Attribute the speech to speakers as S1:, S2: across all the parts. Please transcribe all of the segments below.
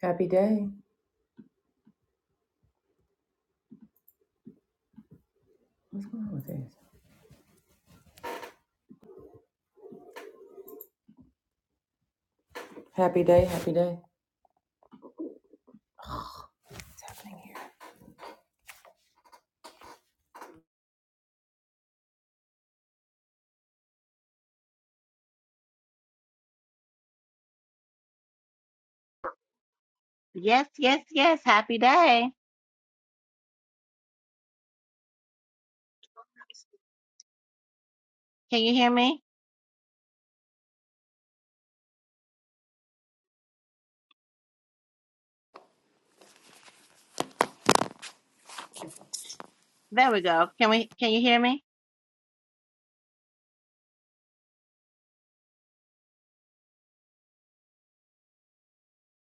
S1: Happy day. What's going on with this? Happy day, happy day.
S2: Yes, yes, yes. Happy day. Can you hear me? There we go. Can we can you hear me?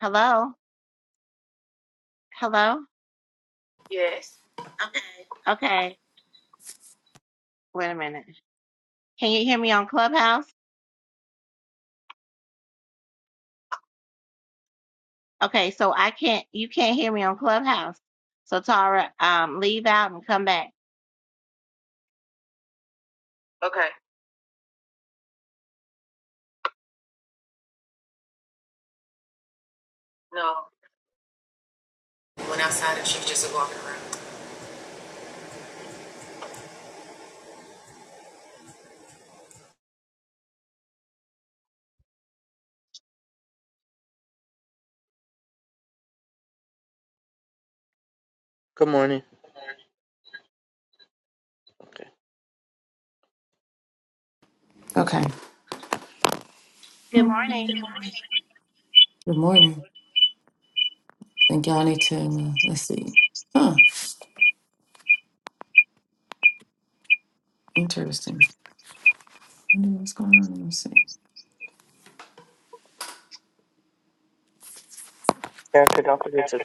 S2: Hello? Hello? Yes. Okay. Wait a minute. Can you hear me on Clubhouse? Okay, so I can't you can't hear me on Clubhouse. So Tara, um leave out and come back. Okay. No. Went outside and she was just walking around.
S3: Good morning. Okay.
S2: Good morning.
S1: Good morning. Think y'all need to uh, let's see. Huh. Interesting. Wonder what's going on. Let me see.
S3: Erica, don't forget to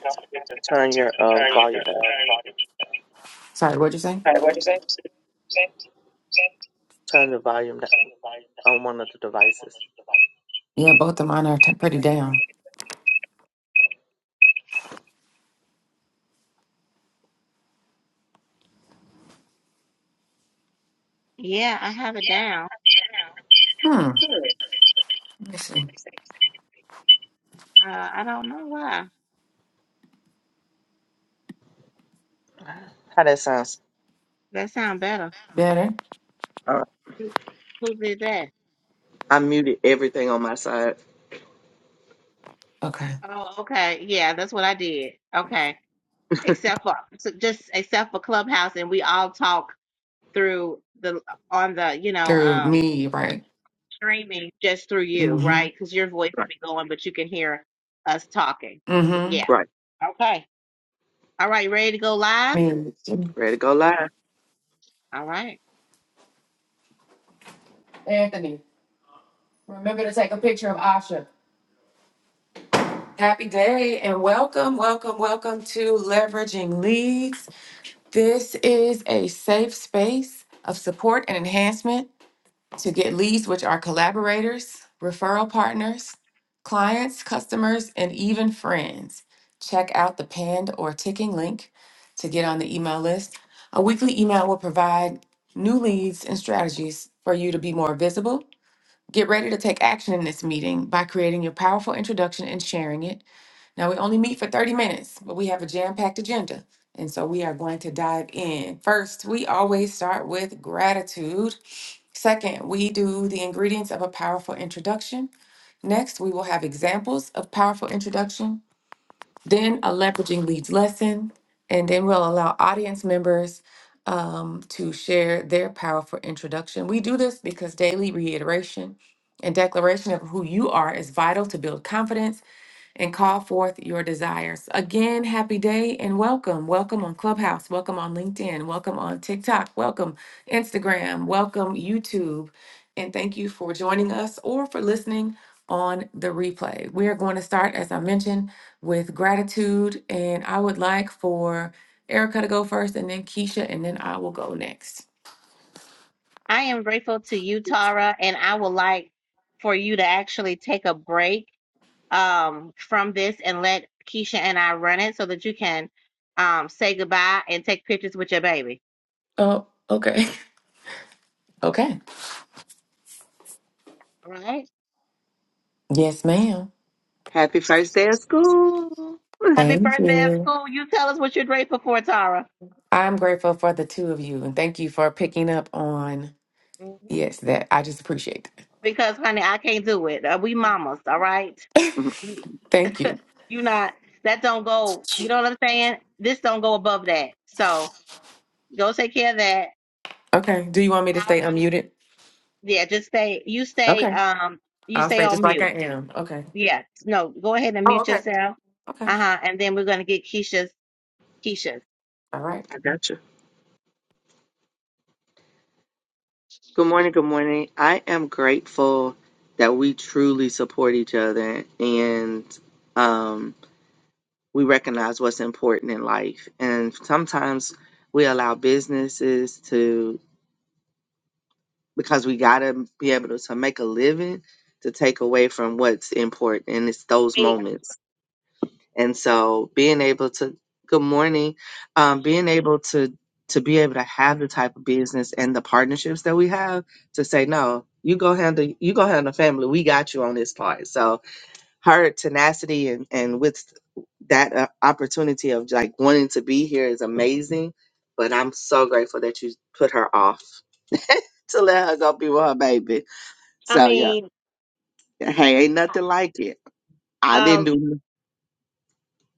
S3: turn your uh, volume down.
S1: Sorry, what'd you say?
S3: Turn the volume down on one of the devices.
S1: Yeah, both of mine are t- pretty down.
S2: Yeah, I have it down.
S1: Hmm. Let me see.
S2: Uh I don't know why.
S3: How that sound?
S2: That sound better.
S1: Better.
S3: All right.
S2: Who who did that?
S3: I muted everything on my side.
S1: Okay.
S2: Oh, okay. Yeah, that's what I did. Okay. except for so just except for Clubhouse, and we all talk through the on the you know
S1: Through
S2: um
S1: me, right?
S2: streaming just through you,
S1: Mm-hmm.
S2: right? Because your voice will
S3: Right.
S2: be going, but you can hear us talking. So,
S1: Mm-hmm.
S2: yeah.
S3: Right.
S2: Okay. All right. Ready to go live?
S3: Ready to go live.
S2: All right.
S1: Happy day and welcome, welcome, welcome to Leveraging Leads. This is a safe space of support and enhancement to get leads, which are collaborators, referral partners, clients, customers, and even friends. Check out the pinned or ticking link to get on the email list. A weekly email will provide new leads and strategies for you to be more visible. Get ready to take action in this meeting by creating your powerful introduction and sharing it. Now, we only meet for 30 minutes, but we have a jam packed agenda. And so we are going to dive in. First, we always start with gratitude. Second, we do the ingredients of a powerful introduction. Next, we will have examples of powerful introduction, then a leveraging leads lesson, and then we'll allow audience members um, to share their powerful introduction. We do this because daily reiteration and declaration of who you are is vital to build confidence and call forth your desires. Again, happy day and welcome. Welcome on Clubhouse, welcome on LinkedIn, welcome on TikTok, welcome Instagram, welcome YouTube. And thank you for joining us or for listening on the replay. We are going to start, as I mentioned, with gratitude. And I would like for Erica to go first and then Keisha, and then I will go next.
S2: I am grateful to you, Tara, and I would like for you to actually take a break um from this and let Keisha and I run it so that you can um say goodbye and take pictures with your baby.
S1: Oh, okay. Okay.
S2: All right.
S1: Yes, ma'am.
S3: Happy first day of school.
S2: Happy
S1: Thank
S2: birthday at
S1: you.
S2: school. You tell us what you're grateful for, Tara.
S1: I'm grateful for the two of you and thank you for picking up on.
S2: Mhm.
S1: Yes, that I just appreciate that.
S2: Because, honey, I can't do it. Uh, we mamas, all right?
S3: Mhm.
S2: We-
S1: Thank you.
S2: you not, that don't go, you know what I'm saying? This don't go above that. So go take care of that.
S1: Okay. Do you want me to stay
S2: Um,
S1: unmuted?
S2: yeah, just stay, you stay,
S1: Okay.
S2: um, you
S1: I'll
S2: stay
S1: stay
S2: on
S1: just like I
S2: mute.
S1: am. Okay.
S2: Yeah, no, go ahead and
S1: Oh,
S2: mute
S1: okay.
S2: yourself.
S1: Okay.
S2: Uh-huh. And then we're going to get Keisha's, Keisha's.
S1: All right.
S3: I got you. Good morning. Good morning. I am grateful that we truly support each other and um, we recognize what's important in life. And sometimes we allow businesses because we gotta be able to make a living to take away from what's important and it's those
S2: Hey,
S3: moments and so being able to good morning um being able to to be able to have the type of business and the partnerships that we have to say no you go handle you go handle family we got you on this part so her tenacity and and with that uh, opportunity of like wanting to be here is amazing but i'm so grateful that you put her off to let her go be with her baby
S2: I
S3: so yeah,
S2: mean,
S3: hey, ain't nothing like it. I didn't
S2: um,
S3: do.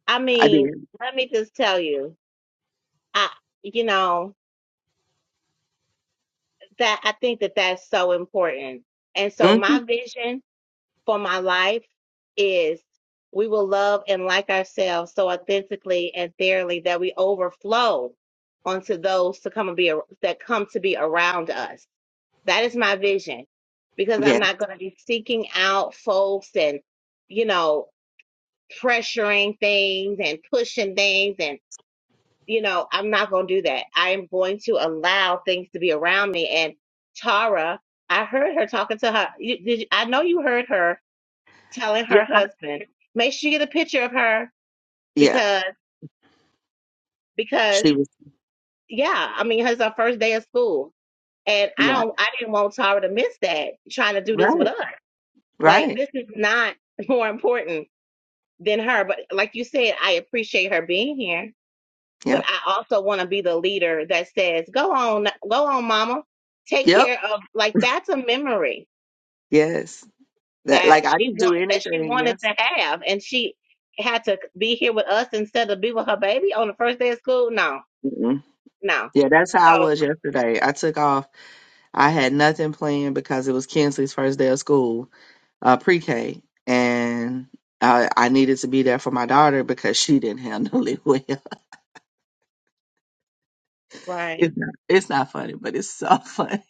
S2: I
S3: I
S2: mean,
S3: did.
S2: let me just tell you, I, you know, that I think that that's so important. And so
S3: Mm-hmm.
S2: my vision for my life is we will love and like ourselves so authentically and thoroughly that we overflow onto those to come and be ar- that come to be around us. That is my vision because I'm
S3: Yeah,
S2: not going to be seeking out folks and you know pressuring things and pushing things and you know, I'm not going to do that. I am going to allow things to be around me. And Tara, I heard her talking to her. You, did you, I know you heard her telling
S3: yeah,
S2: her husband, make sure you get a picture of her
S3: yeah.
S2: because, because,
S3: She was.
S2: yeah, I mean, it's our first day of school. And I
S3: Yeah,
S2: don't, I didn't want Tara to miss that trying to do this with
S3: right,
S2: us. Like,
S3: right.
S2: this is not more important than her. But like you said, I appreciate her being here but
S3: Yep,
S2: I also want to be the leader that says, "Go on, go on, mama. Take
S3: yep.
S2: care of like that's a memory
S3: Yes, that
S2: that
S3: like I
S2: she
S3: didn't do
S2: want that she
S3: anything.
S2: wanted
S3: Yes.
S2: to have, and she had to be here with us instead of be with her baby on the first day of school. No,
S3: Mm-mm.
S2: no.
S3: Yeah, that's how I
S2: So
S3: was yesterday. I took off. I had nothing planned because it was Kinsley's first day of school, uh, pre-K, and I, I needed to be there for my daughter because she didn't handle it well.
S2: right,
S3: It's not, it's not funny, but it's so funny.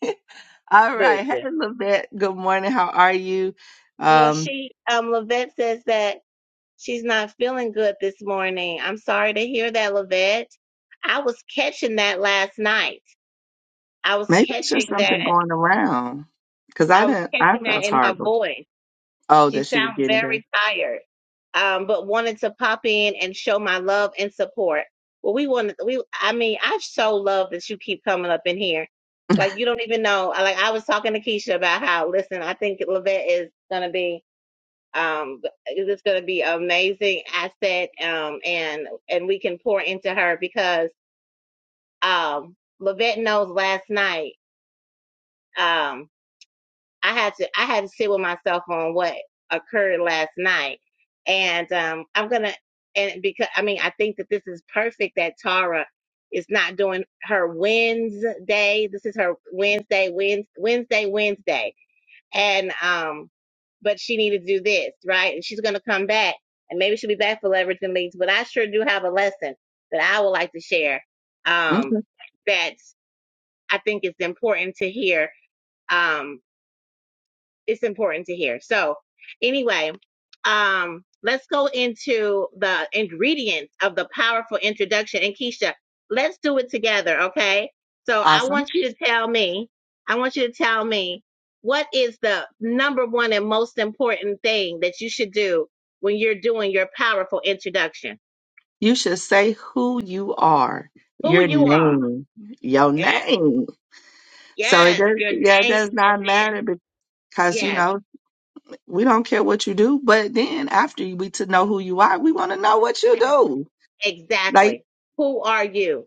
S3: All right. Hey,
S2: listen.
S3: Levette. Good morning. How are you?
S2: Well,
S3: Um,
S2: she um Lavette says that she's not feeling good this morning. I'm sorry to hear that, Lavette. I was catching that last night. I was
S3: maybe it's just
S2: catching that.
S3: something going around because I
S2: I was
S3: didn't, I
S2: catching that
S3: felt
S2: in her
S3: horrible.
S2: voice
S3: Oh,
S2: She
S3: that she was
S2: sounds
S3: getting better.
S2: very tired, um, but wanted to pop in and show my love and support. Well, we wanted we. I mean, I so love that you keep coming up in here. Like you don't even know. I- Like I was talking to Keisha about how. Listen, I think Lavette is gonna be. Um, it's gonna be an amazing asset. Um, and and we can pour into her because um, Lavette knows last night. Um, I had to I had to sit with myself on what occurred last night, and um, I'm gonna and because I mean I think that this is perfect that Tara is not doing her Wednesday. This is her Wednesday, Wednesday, Wednesday, Wednesday, and um, but she needed to do this right, and she's gonna come back, and maybe she'll be back for leverage and leads. But I sure do have a lesson that I would like to share. Um,
S3: Okay.
S2: that I think is important to hear. Um, it's important to hear. So anyway, um, let's go into the ingredients of the powerful introduction. And Keisha, let's do it together, okay? So I
S3: Awesome.
S2: want you to tell me, I want you to tell me what is the number one and most important thing that you should do when you're doing your powerful introduction?
S3: You should say who you are,
S2: Who
S3: your
S2: you are.
S3: name, your
S2: Yes.
S3: name. So it
S2: Yes.
S3: does,
S2: Your
S3: yeah, it
S2: name.
S3: does
S2: And
S3: not
S2: then
S3: matter because, you
S2: yes,
S3: know, we don't care what you do. But then after we to know who you are, we want to know what you
S2: exactly.
S3: do. Like,
S2: Exactly. Who are you?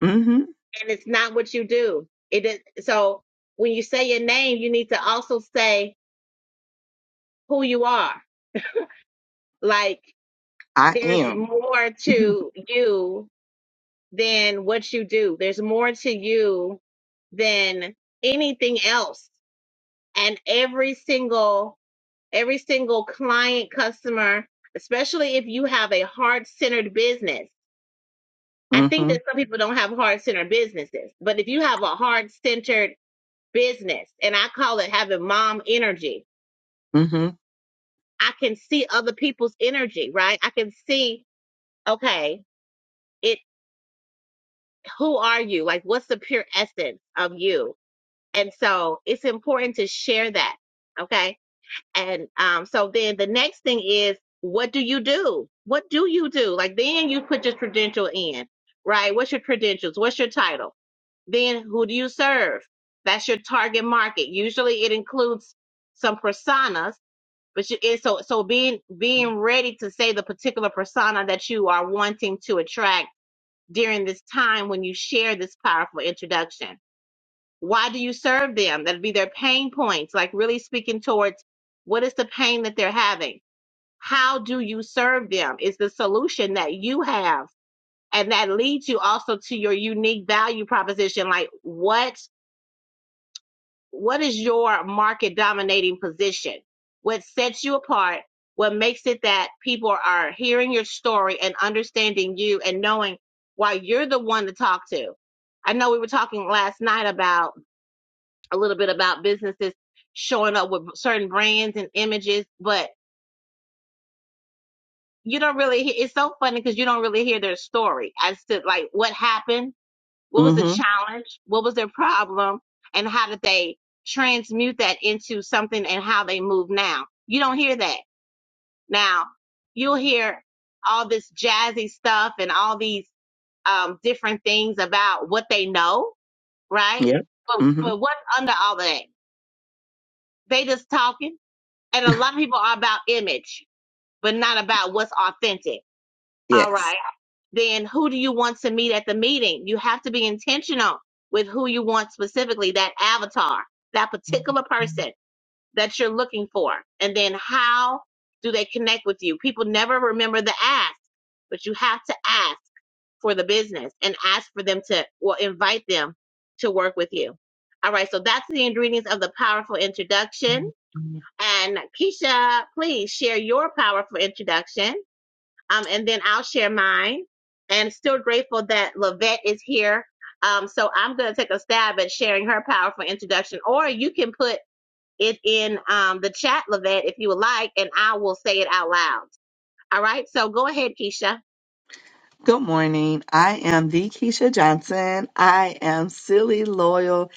S3: mm-hmm.
S2: and it's not what you do. It is so when you say your name, you need to also say who you are. Like
S3: I
S2: there's
S3: am.
S2: more to you than what you do. There's more to you than anything else. And every single every single client customer, especially if you have a heart-centered business. I think
S3: Mm-hmm.
S2: that some people don't have heart-centered businesses, but if you have a heart-centered business and I call it having mom energy.
S3: Mm-hmm.
S2: I can see other people's energy, right? I can see, okay, it who are you? Like what's the pure essence of you? And so it's important to share that. Okay. And um so then the next thing is what do you do? What do you do? Like then you put your credential in, right? What's your credentials? What's your title? Then who do you serve? That's your target market. Usually it includes some personas but you it's so so being being ready to say the particular persona that you are wanting to attract during this time when you share this powerful introduction why do you serve them that'd be their pain points like really speaking towards what is the pain that they're having how do you serve them is the solution that you have and that leads you also to your unique value proposition like what what is your market dominating position? What sets you apart? What makes it that people are hearing your story and understanding you and knowing why you're the one to talk to? I know we were talking last night about a little bit about businesses showing up with certain brands and images, but you don't really hear, it's so funny because you don't really hear their story as to like what happened What was the
S3: Mm-hmm.
S2: challenge? What was their problem? And how did they transmute that into something and how they move now? You don't hear that. Now, you'll hear all this jazzy stuff and all these um, different things about what they know, right?
S3: Yep.
S2: But,
S3: Mm-hmm.
S2: but what's under all of that? They just talking. And a lot of people are about image, but not about what's authentic. All right.
S3: Yes.
S2: then who do you want to meet at the meeting? You have to be intentional with who you want specifically, that avatar, that particular person that you're looking for. And then how do they connect with you? People never remember the ask, but you have to ask for the business and ask for them to, or invite them to work with you. All right, so that's the ingredients of the powerful introduction. And Keisha, please share your powerful introduction. Um, and then I'll share mine. And still grateful that Lavette is here. Um, so I'm going to take a stab at sharing her powerful introduction, or you can put it in um, the chat, Lavette, if you would like, and I will say it out loud. All right. So go ahead, Keisha.
S3: Good morning. I am the Keisha Johnson. I am silly, loyal,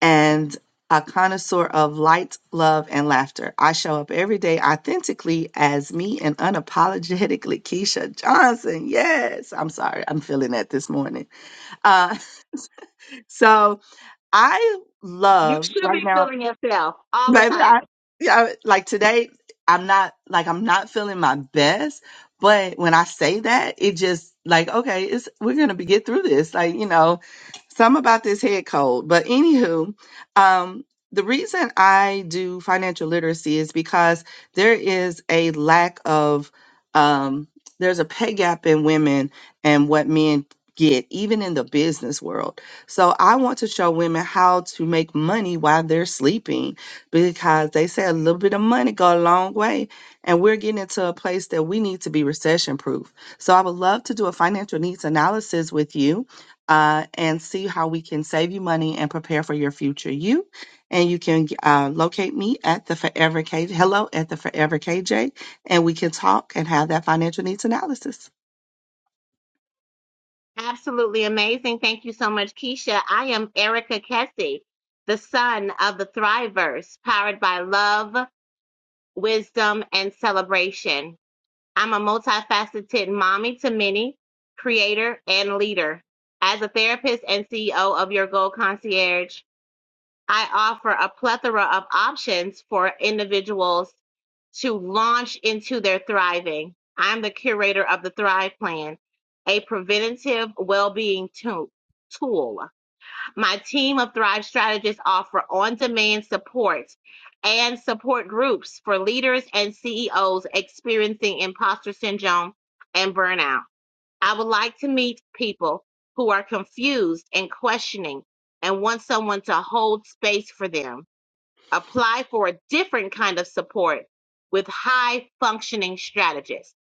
S3: and a connoisseur of light, love, and laughter. I show up every day authentically as me and unapologetically Keisha Johnson. Yes. I'm sorry. I'm feeling that this morning. Uh, so I
S2: You
S3: love
S2: should
S3: right
S2: be
S3: now.
S2: feeling yourself all the
S3: Baby,
S2: time.
S3: I, yeah, like today, I'm not like I'm not feeling my best, but when I say that, it just like okay, it's we're gonna be get through this. Like you know, some about this head cold, but anywho, um, the reason I do financial literacy is because there is a lack of um, there's a pay gap in women and what men get, even in the business world. So I want to show women how to make money while they're sleeping because they say a little bit of money go a long way and we're getting into a place that we need to be recession proof. So I would love to do a financial needs analysis with you uh, and see how we can save you money and prepare for your future you. And you can uh, locate me at the Forever KJ, hello at the Forever KJ and we can talk and have that financial needs analysis.
S2: Absolutely amazing. Thank you so much, Keisha. I am Erica Kessie, the son of the Thriverse, powered by love, wisdom, and celebration. I'm a multifaceted mommy to many, creator, and leader. As a therapist and CEO of Your Goal Concierge, I offer a plethora of options for individuals to launch into their thriving. I'm the curator of the Thrive Plan, a preventative well being tool. My team of Thrive Strategists offer on demand support and support groups for leaders and CEOs experiencing imposter syndrome and burnout. I would like to meet people who are confused and questioning and want someone to hold space for them. Apply for a different kind of support with high functioning strategists.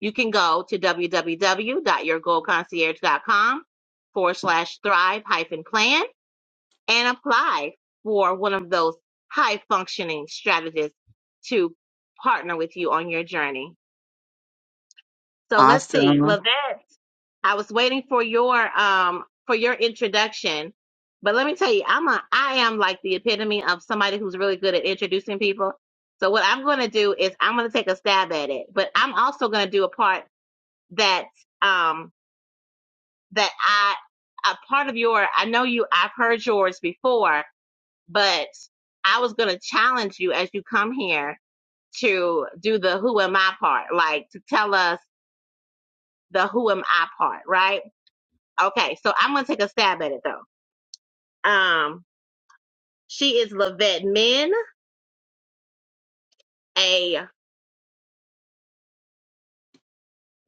S2: You can go to www.yourgoalconcierge.com forward slash thrive hyphen plan and apply for one of those high functioning strategists to partner with you on your journey. So let's see,
S3: Awesome.
S2: Lavette, I was waiting for your um for your introduction, but let me tell you, I'm a I am like the epitome of somebody who's really good at introducing people. So what I'm going to do is I'm going to take a stab at it, but I'm also going to do a part that um that I a part of your I know you I've heard yours before, but I was going to challenge you as you come here to do the who am I part, like to tell us the who am I part, right? Okay, so I'm going to take a stab at it though. Um, she is Lavette Min, a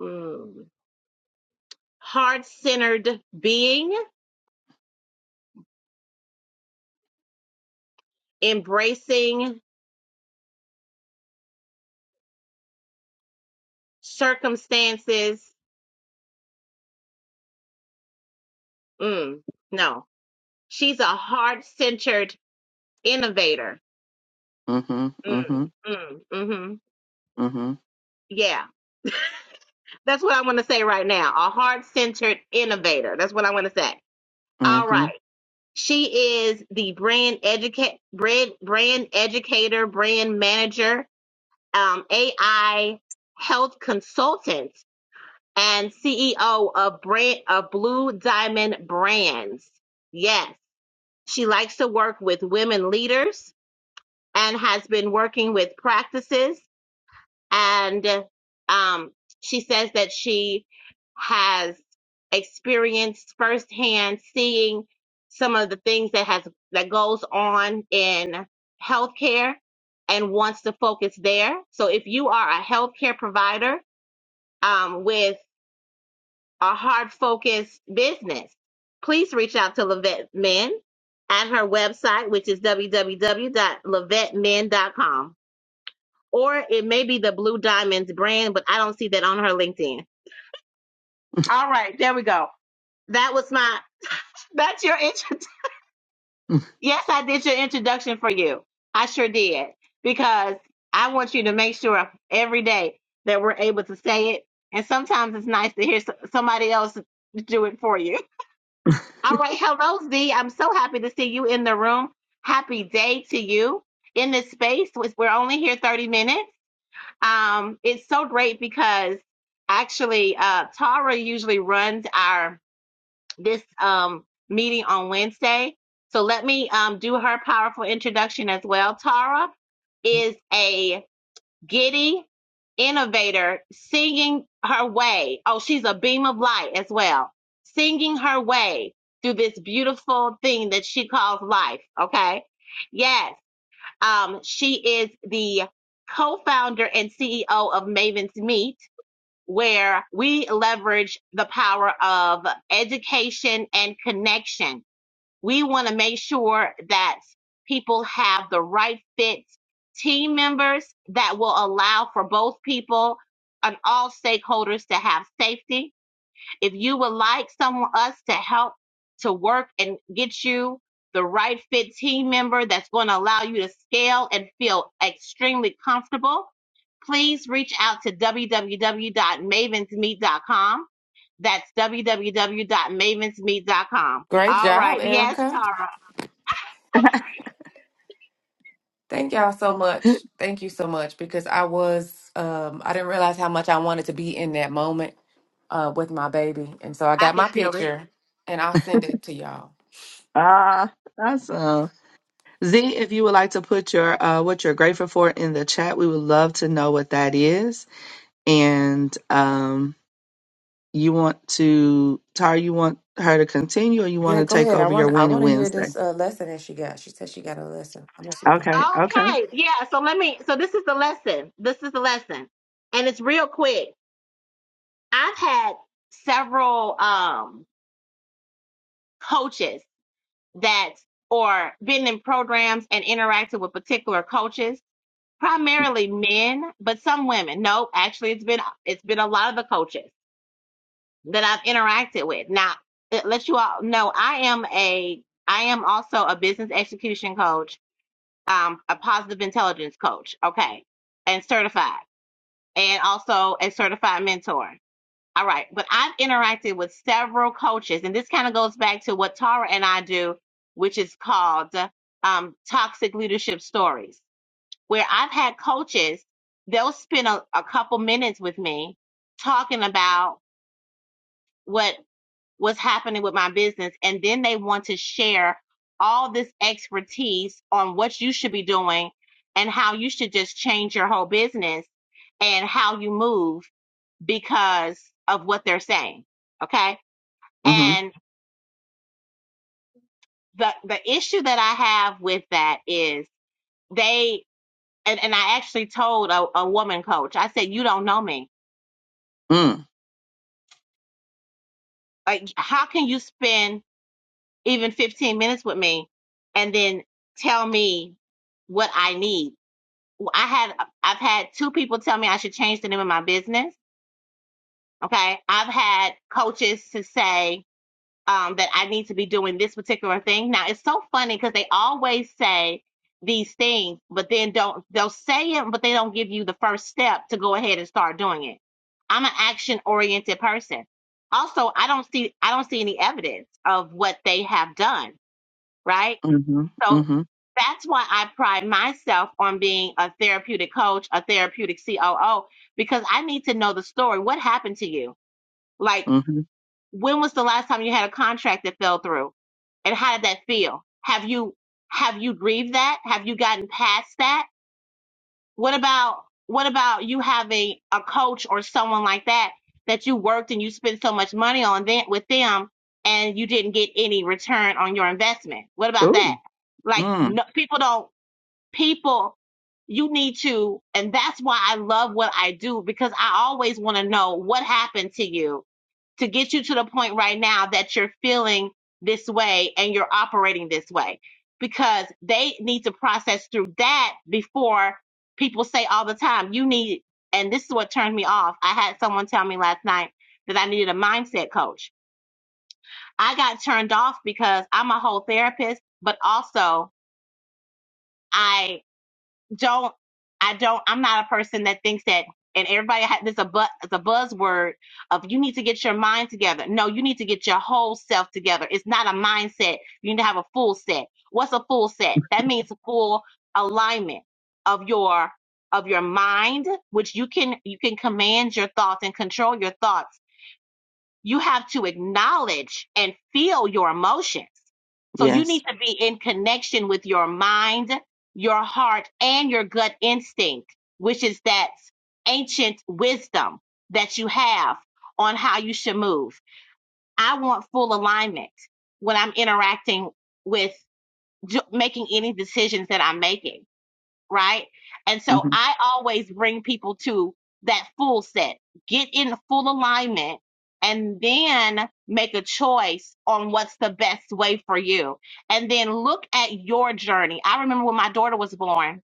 S2: mm, heart centered being embracing circumstances. Mm, no, she's a heart centered innovator.
S3: Mm-hmm.
S2: Mm,
S3: Mm-hmm.
S2: mm, mm,
S3: Mm-hmm.
S2: hmm That's what I want to say right now. A heart centered innovator. That's what I want to say. All
S3: Mm-hmm.
S2: right. She is the brand educate brand brand educator, brand manager, um, AI health consultant, and CEO of brand of Blue Diamond Brands. Yes, she likes to work with women leaders and has been working with practices and um, she says that she has experienced firsthand seeing some of the things that has that goes on in healthcare and wants to focus there. So if you are a healthcare provider um, with a hard focused business, please reach out to Levette Men at her website, which is www.levettemen.com. Or it may be the Blue Diamonds brand, but I don't see that on her LinkedIn. All right, there we go. That was my That's your intro. Yes, I did your introduction for you. I sure did. Because I want you to make sure every day that we're able to say it. And sometimes it's nice to hear s- somebody else do it for you. All right. Hello, Z. I'm so happy to see you in the room. Happy day to you in this space. We're only here 30 minutes. Um, it's so great because actually, uh, Tara usually runs our this um meeting on Wednesday. So let me um do her powerful introduction as well. Tara is a giddy innovator singing her way. Oh, she's a beam of light as well, singing her way through this beautiful thing that she calls life. Okay. Yes. Um, she is the co-founder and CEO of Maven's Meet, where we leverage the power of education and connection. We want to make sure that people have the right fit team members that will allow for both people and all stakeholders to have safety if you would like someone us to help to work and get you the right fit team member that's going to allow you to scale and feel extremely comfortable, please reach out to www.mavensmeet.com. That's www.mavensmeet.com.
S1: Great
S2: All
S1: job,
S2: right. Yes,
S1: Erica.
S2: Tara.
S1: Thank y'all so much. Thank you so much because I was um I didn't realize how much I wanted to be in that moment uh with my baby. And so I
S2: I
S1: got
S2: can
S1: my
S2: feel it.
S1: picture and I'll send it to y'all.
S3: ah, awesome. Z, if you would like to put your uh, what you're grateful for in the chat, we would love to know what that is. And um, You want to, Tara, you want her to continue or you want
S1: Yeah,
S3: to
S1: go
S3: take
S1: ahead. I
S3: over your
S1: want I
S3: winning
S1: want to hear
S3: Wednesday?
S1: this uh lesson that she got. She said she got a lesson. I'm just looking.
S3: Okay, okay.
S2: Okay. Yeah. So let me, so this is the lesson. This is the lesson. And it's real quick. I've had several um, coaches that or been in programs and interacted with particular coaches, primarily men, but some women. No, actually it's been it's been a lot of the coaches that I've interacted with. Now, it let you all know I am a I am also a business execution coach, um, a positive intelligence coach, okay, and certified, and also a certified mentor. All right. But I've interacted with several coaches, and this kind of goes back to what Tara and I do, which is called uh, um, Toxic Leadership Stories, where I've had coaches, they'll spend a, a couple minutes with me talking about what was happening with my business, and then they want to share all this expertise on what you should be doing and how you should just change your whole business and how you move because of what they're saying. Okay
S3: Mm-hmm.
S2: and the the issue that I have with that is they and, and I actually told a, a woman coach, I said, You don't know me.
S3: Mm.
S2: Like how can you spend even fifteen minutes with me and then tell me what I need? Well, I had I've had two people tell me I should change the name of my business. Okay. I've had coaches to say um, that I need to be doing this particular thing. Now it's so funny because they always say these things, but then don't they'll say it, but they don't give you the first step to go ahead and start doing it. I'm an action oriented person. Also, I don't see I don't see any evidence of what they have done, right?
S3: Mm-hmm.
S2: So
S3: Mm-hmm.
S2: that's why I pride myself on being a therapeutic coach, a therapeutic COO, because I need to know the story. What happened to you? like?
S3: Mm-hmm.
S2: when was the last time you had a contract that fell through and how did that feel have you have you grieved that have you gotten past that what about what about you having a coach or someone like that that you worked and you spent so much money on them, with them and you didn't get any return on your investment what about that
S3: Ooh.
S2: like
S3: Mm.
S2: no, people don't people you need to and that's why i love what i do because i always want to know what happened to you to get you to the point right now that you're feeling this way and you're operating this way because they need to process through that before people say all the time you need and this is what turned me off i had someone tell me last night that i needed a mindset coach i got turned off because i'm a whole therapist but also I don't I don't I'm not a person that thinks that and everybody had this a bu- it's a buzzword of you need to get your mind together. No, you need to get your whole self together. It's not a mindset. You need to have a full set. What's a full set? That means full alignment of your of your mind, which you can you can command your thoughts and control your thoughts you have to acknowledge and feel your emotions. So you
S3: Yes.
S2: need to be in connection with your mind, your heart, and your gut instinct, which is that ancient wisdom that you have on how you should move. I want full alignment when I'm interacting with making any decisions that I'm making right? And so
S3: Mm-hmm.
S2: I always bring people to that full set, get in full alignment, and then make a choice on what's the best way for you. And then look at your journey. I remember when my daughter was born,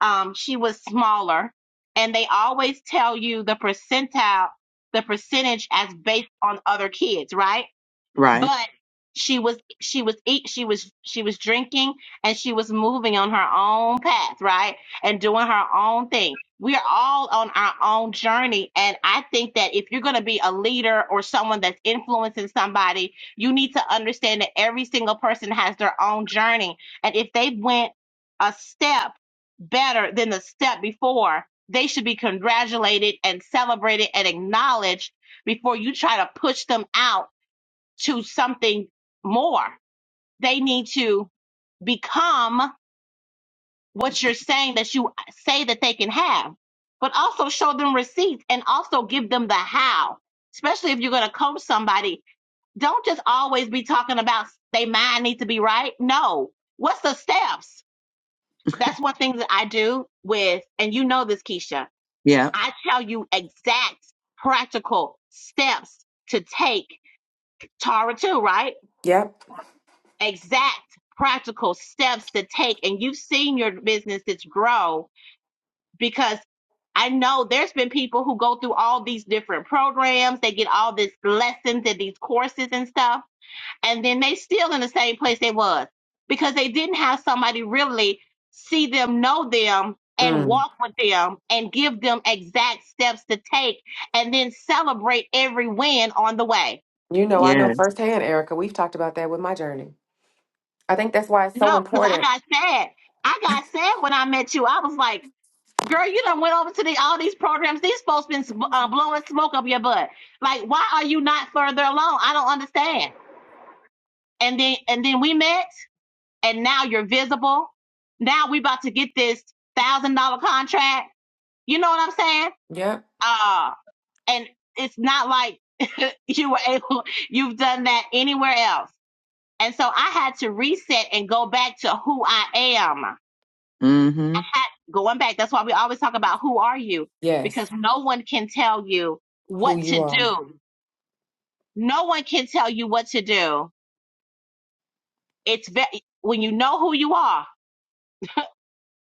S2: um, she was smaller, and they always tell you the percentile, the percentage as based on other kids, right?
S3: Right.
S2: but she was she was eat she was she was drinking and she was moving on her own path right and doing her own thing we're all on our own journey and i think that if you're going to be a leader or someone that's influencing somebody you need to understand that every single person has their own journey and if they went a step better than the step before they should be congratulated and celebrated and acknowledged before you try to push them out to something more. They need to become what you're saying that you say that they can have, but also show them receipts and also give them the how. Especially if you're going to coach somebody, don't just always be talking about they mind needs to be right. No, what's the steps? That's one thing that I do with, and you know this, Keisha.
S3: Yeah.
S2: I tell you exact practical steps to take. Tara too, right?
S1: Yep.
S2: exact practical steps to take and you've seen your businesses grow because I know there's been people who go through all these different programs, they get all these lessons and these courses and stuff, and then they still in the same place they was because they didn't have somebody really see them, know them, and walk with them and give them exact steps to take and then celebrate every win on the way.
S1: You know, I know
S3: Yes.
S1: firsthand, Erica. We've talked about that with my journey. I think that's why it's so
S2: No, because I
S1: important.
S2: got sad. I got sad when I met you. I was like, Girl, you done went over to the, all these programs. These folks been sm- uh, blowing smoke up your butt. Like, why are you not further along? I don't understand. And then, and then we met, and now you're visible. Now we about to get this thousand dollar contract. You know what I'm saying?
S1: Yep.
S2: Uh, and it's not like you were able. You've done that anywhere else. And so I had to reset and go back to who I am
S3: Mm-hmm.
S2: going back, that's why we always talk about who are you?
S1: Yes.
S2: Because no one can tell you
S1: Who
S2: what
S1: you
S2: to
S1: are.
S2: do. No one can tell you what to do. It's ve- when you know who you are,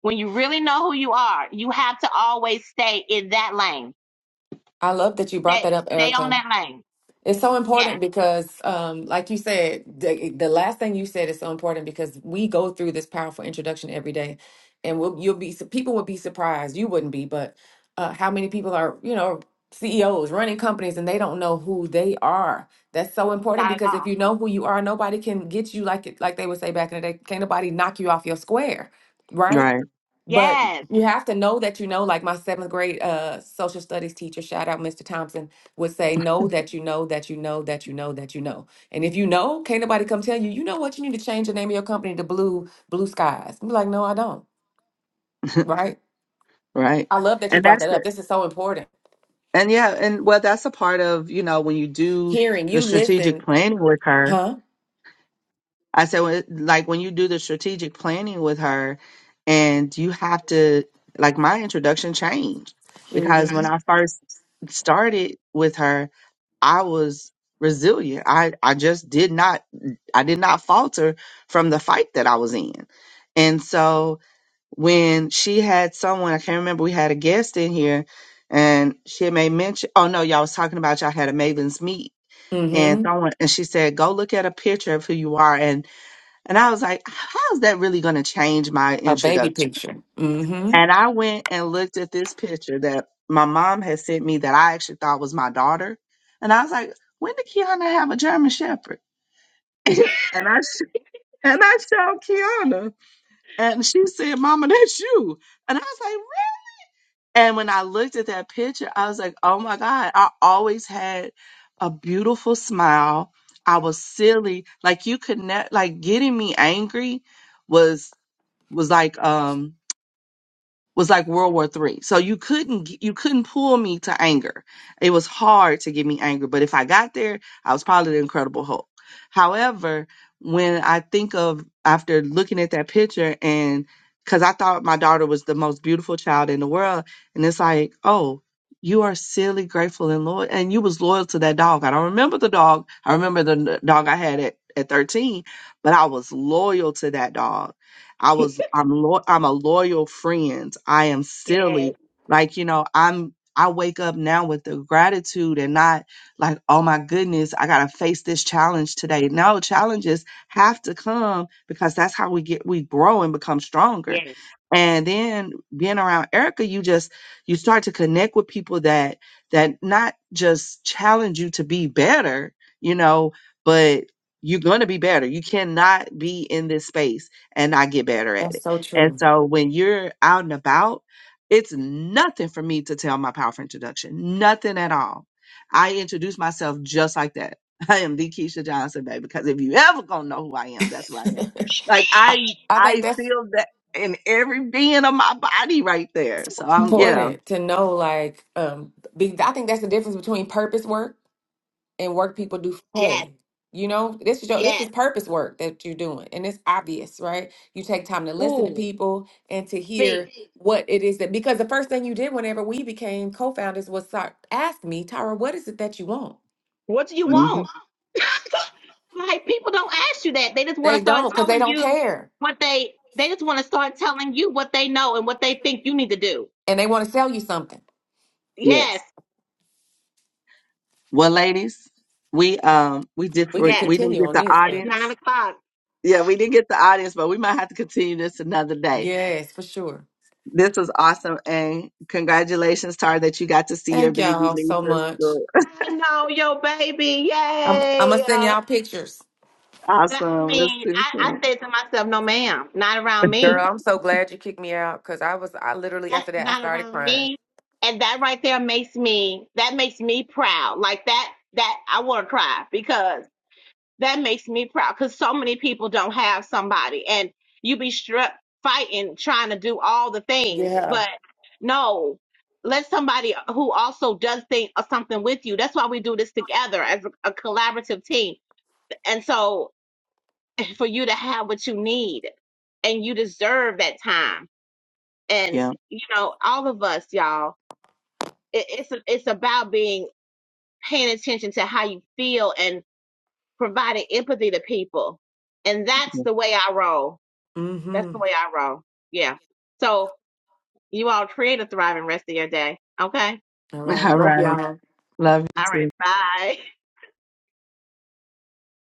S2: when you really know who you are, you have to always stay in that lane.
S1: I love that you brought that
S2: Stay,
S1: up,
S2: stay on
S1: Erica.
S2: that lane.
S1: It's so
S2: Yes,
S1: important because, um, like you said, the, the last thing you said is so important because we go through this powerful introduction every day, and we'll, you'll be su- people will be surprised. You wouldn't be, but uh, how many people are you know CEOs running companies and they don't know who they are? That's so important
S2: not at
S1: because if
S2: all.
S1: you know who you are, nobody can get you like it like they would say back in the day. Can't nobody knock you off your square, right?
S3: Right.
S1: But
S2: Yes,
S1: you have to know that you know, like my seventh grade uh, social studies teacher, shout out Mr. Thompson, would say, Know that you know that you know that you know that you know. And if you know, can't nobody come tell you, you know what, you need to change the name of your company to Blue Blue Skies. I'm like, No, I don't. Right?
S3: Right.
S1: I love that you
S3: And
S1: brought
S3: that's
S1: that up.
S3: the
S1: This is so important.
S3: and yeah, and well that's a part of, you know, when you do
S1: Hearing
S3: the
S1: you
S3: strategic
S1: listen,
S3: planning with her,
S1: huh?
S3: I said, "Well, like when you do the strategic planning with her, and you have to, like, my introduction changed because when
S1: Mm
S3: I first started with her, I was resilient. I, I just did not, I did not falter from the fight that I was in. And so when she had someone, I can't remember, we had a guest in here and she had made mention, oh no, y'all was talking about y'all had a Maven's meet.
S1: hmm. Mm
S3: And
S1: hmm.
S3: someone, and she said, go look at a picture of who you are. and. And I was like, how's that really going to change my
S1: A baby
S3: introduction?
S1: picture. Mm hmm.
S3: And I went and looked at this picture that my mom had sent me that I actually thought was my daughter. And I was like, when did Kiana have a German Shepherd? and I sh- and I showed Kiana, and she said, "Mama, that's you." And I was like, "Really?" And when I looked at that picture, I was like, "Oh my God!" I always had a beautiful smile. I was silly, like you could not, like getting me angry was was like um was like World War Three. So you couldn't g- you couldn't pull me to anger. It was hard to get me angry, but if I got there, I was probably the Incredible Hulk. However, when I think of after looking at that picture and because I thought my daughter was the most beautiful child in the world, and it's like, oh, you are silly, grateful, and loyal, and you was loyal to that dog. I don't remember the dog. I remember the n- dog I had at at 13, but I was loyal to that dog I was I'm lo- I'm a loyal friend. I am
S2: yes,
S3: silly. Like, you know, I'm I wake up now with the gratitude and not like, oh my goodness, I gotta face this challenge today. No, challenges have to come because that's how we get we grow and become stronger.
S2: yes,
S3: And then being around Erica, you just you start to connect with people that that not just challenge you to be better, you know, but you're going to be better. You cannot be in this space and I get better at
S1: That's
S3: it.
S1: so
S3: And
S1: true.
S3: so when you're out and about, it's nothing for me to tell my powerful introduction, nothing at all. I introduce myself just like that. I am the Keisha Johnson, baby, because if you ever gonna know who I am, that's who I am. Like
S1: I,
S3: I,
S1: I think
S3: I
S1: that's
S3: feel that in every being of my body right there. So I'm, yeah,
S1: important to know like um be, I think that's the difference between purpose work and work people do for
S2: yes,
S1: pay. You know, this is your, this
S2: yes.
S1: is purpose work that you're doing and it's obvious, right? You take time to listen to
S2: Ooh,
S1: people and to
S2: speak.
S1: hear what it is that because the first thing you did whenever we became co-founders was start ask me, Tara, what is it that you want?
S2: What do you
S3: hmm
S2: want? like people don't ask you that. They just want to
S1: They
S2: start
S1: don't cuz they
S2: telling
S1: don't
S2: you
S1: care
S2: what they they just want to start telling you what they know and what they think you need to do.
S1: and they want to sell you something.
S2: Yes,
S3: yes. Well, ladies, we um we did
S1: We
S3: we
S1: could
S2: yes.
S3: didn't
S1: continue
S3: get
S1: on
S3: the
S1: this,
S2: It's
S1: but
S2: nine
S3: audience.
S2: o'clock.
S3: Yeah, we didn't get the audience, but we might have to continue this another day.
S1: yes, for sure.
S3: This was awesome, and congratulations, Tara, that you got to see your
S1: Thank
S3: baby
S1: y'all
S3: leave
S1: so
S3: for
S1: much.
S3: school.
S2: I know your baby.
S1: I'm I'm gonna
S2: Yay.
S1: send
S2: Uh,
S1: y'all pictures.
S2: that, I
S3: Awesome. We'll
S2: mean,
S3: see you
S2: I, I
S3: soon.
S2: said to myself, no ma'am, not around
S1: Girl,
S2: me.
S1: I'm so glad you kicked me out because I was I literally
S2: That's
S1: after that I
S2: not
S1: started
S2: around
S1: crying.
S2: me. And that right there makes me that makes me proud. Like that that I wanna cry because. that makes me proud because so many people don't have somebody and you be struck fighting trying to do all the things
S1: Yeah.
S2: but no let somebody who also does think of something with you that's why we do this together as a, a collaborative team and so for you to have what you need and you deserve that time and
S3: Yeah.
S2: you know all of us y'all it, it's it's about being paying attention to how you feel and. providing empathy to people. And that's the way I roll. That's
S1: Mm-hmm.
S2: the way I roll. Yeah. So you all create a thriving rest of your day. Okay.
S1: All right.
S3: All
S1: Love
S3: right.
S1: y'all.
S3: Love you
S2: All
S3: too.
S2: right. Bye.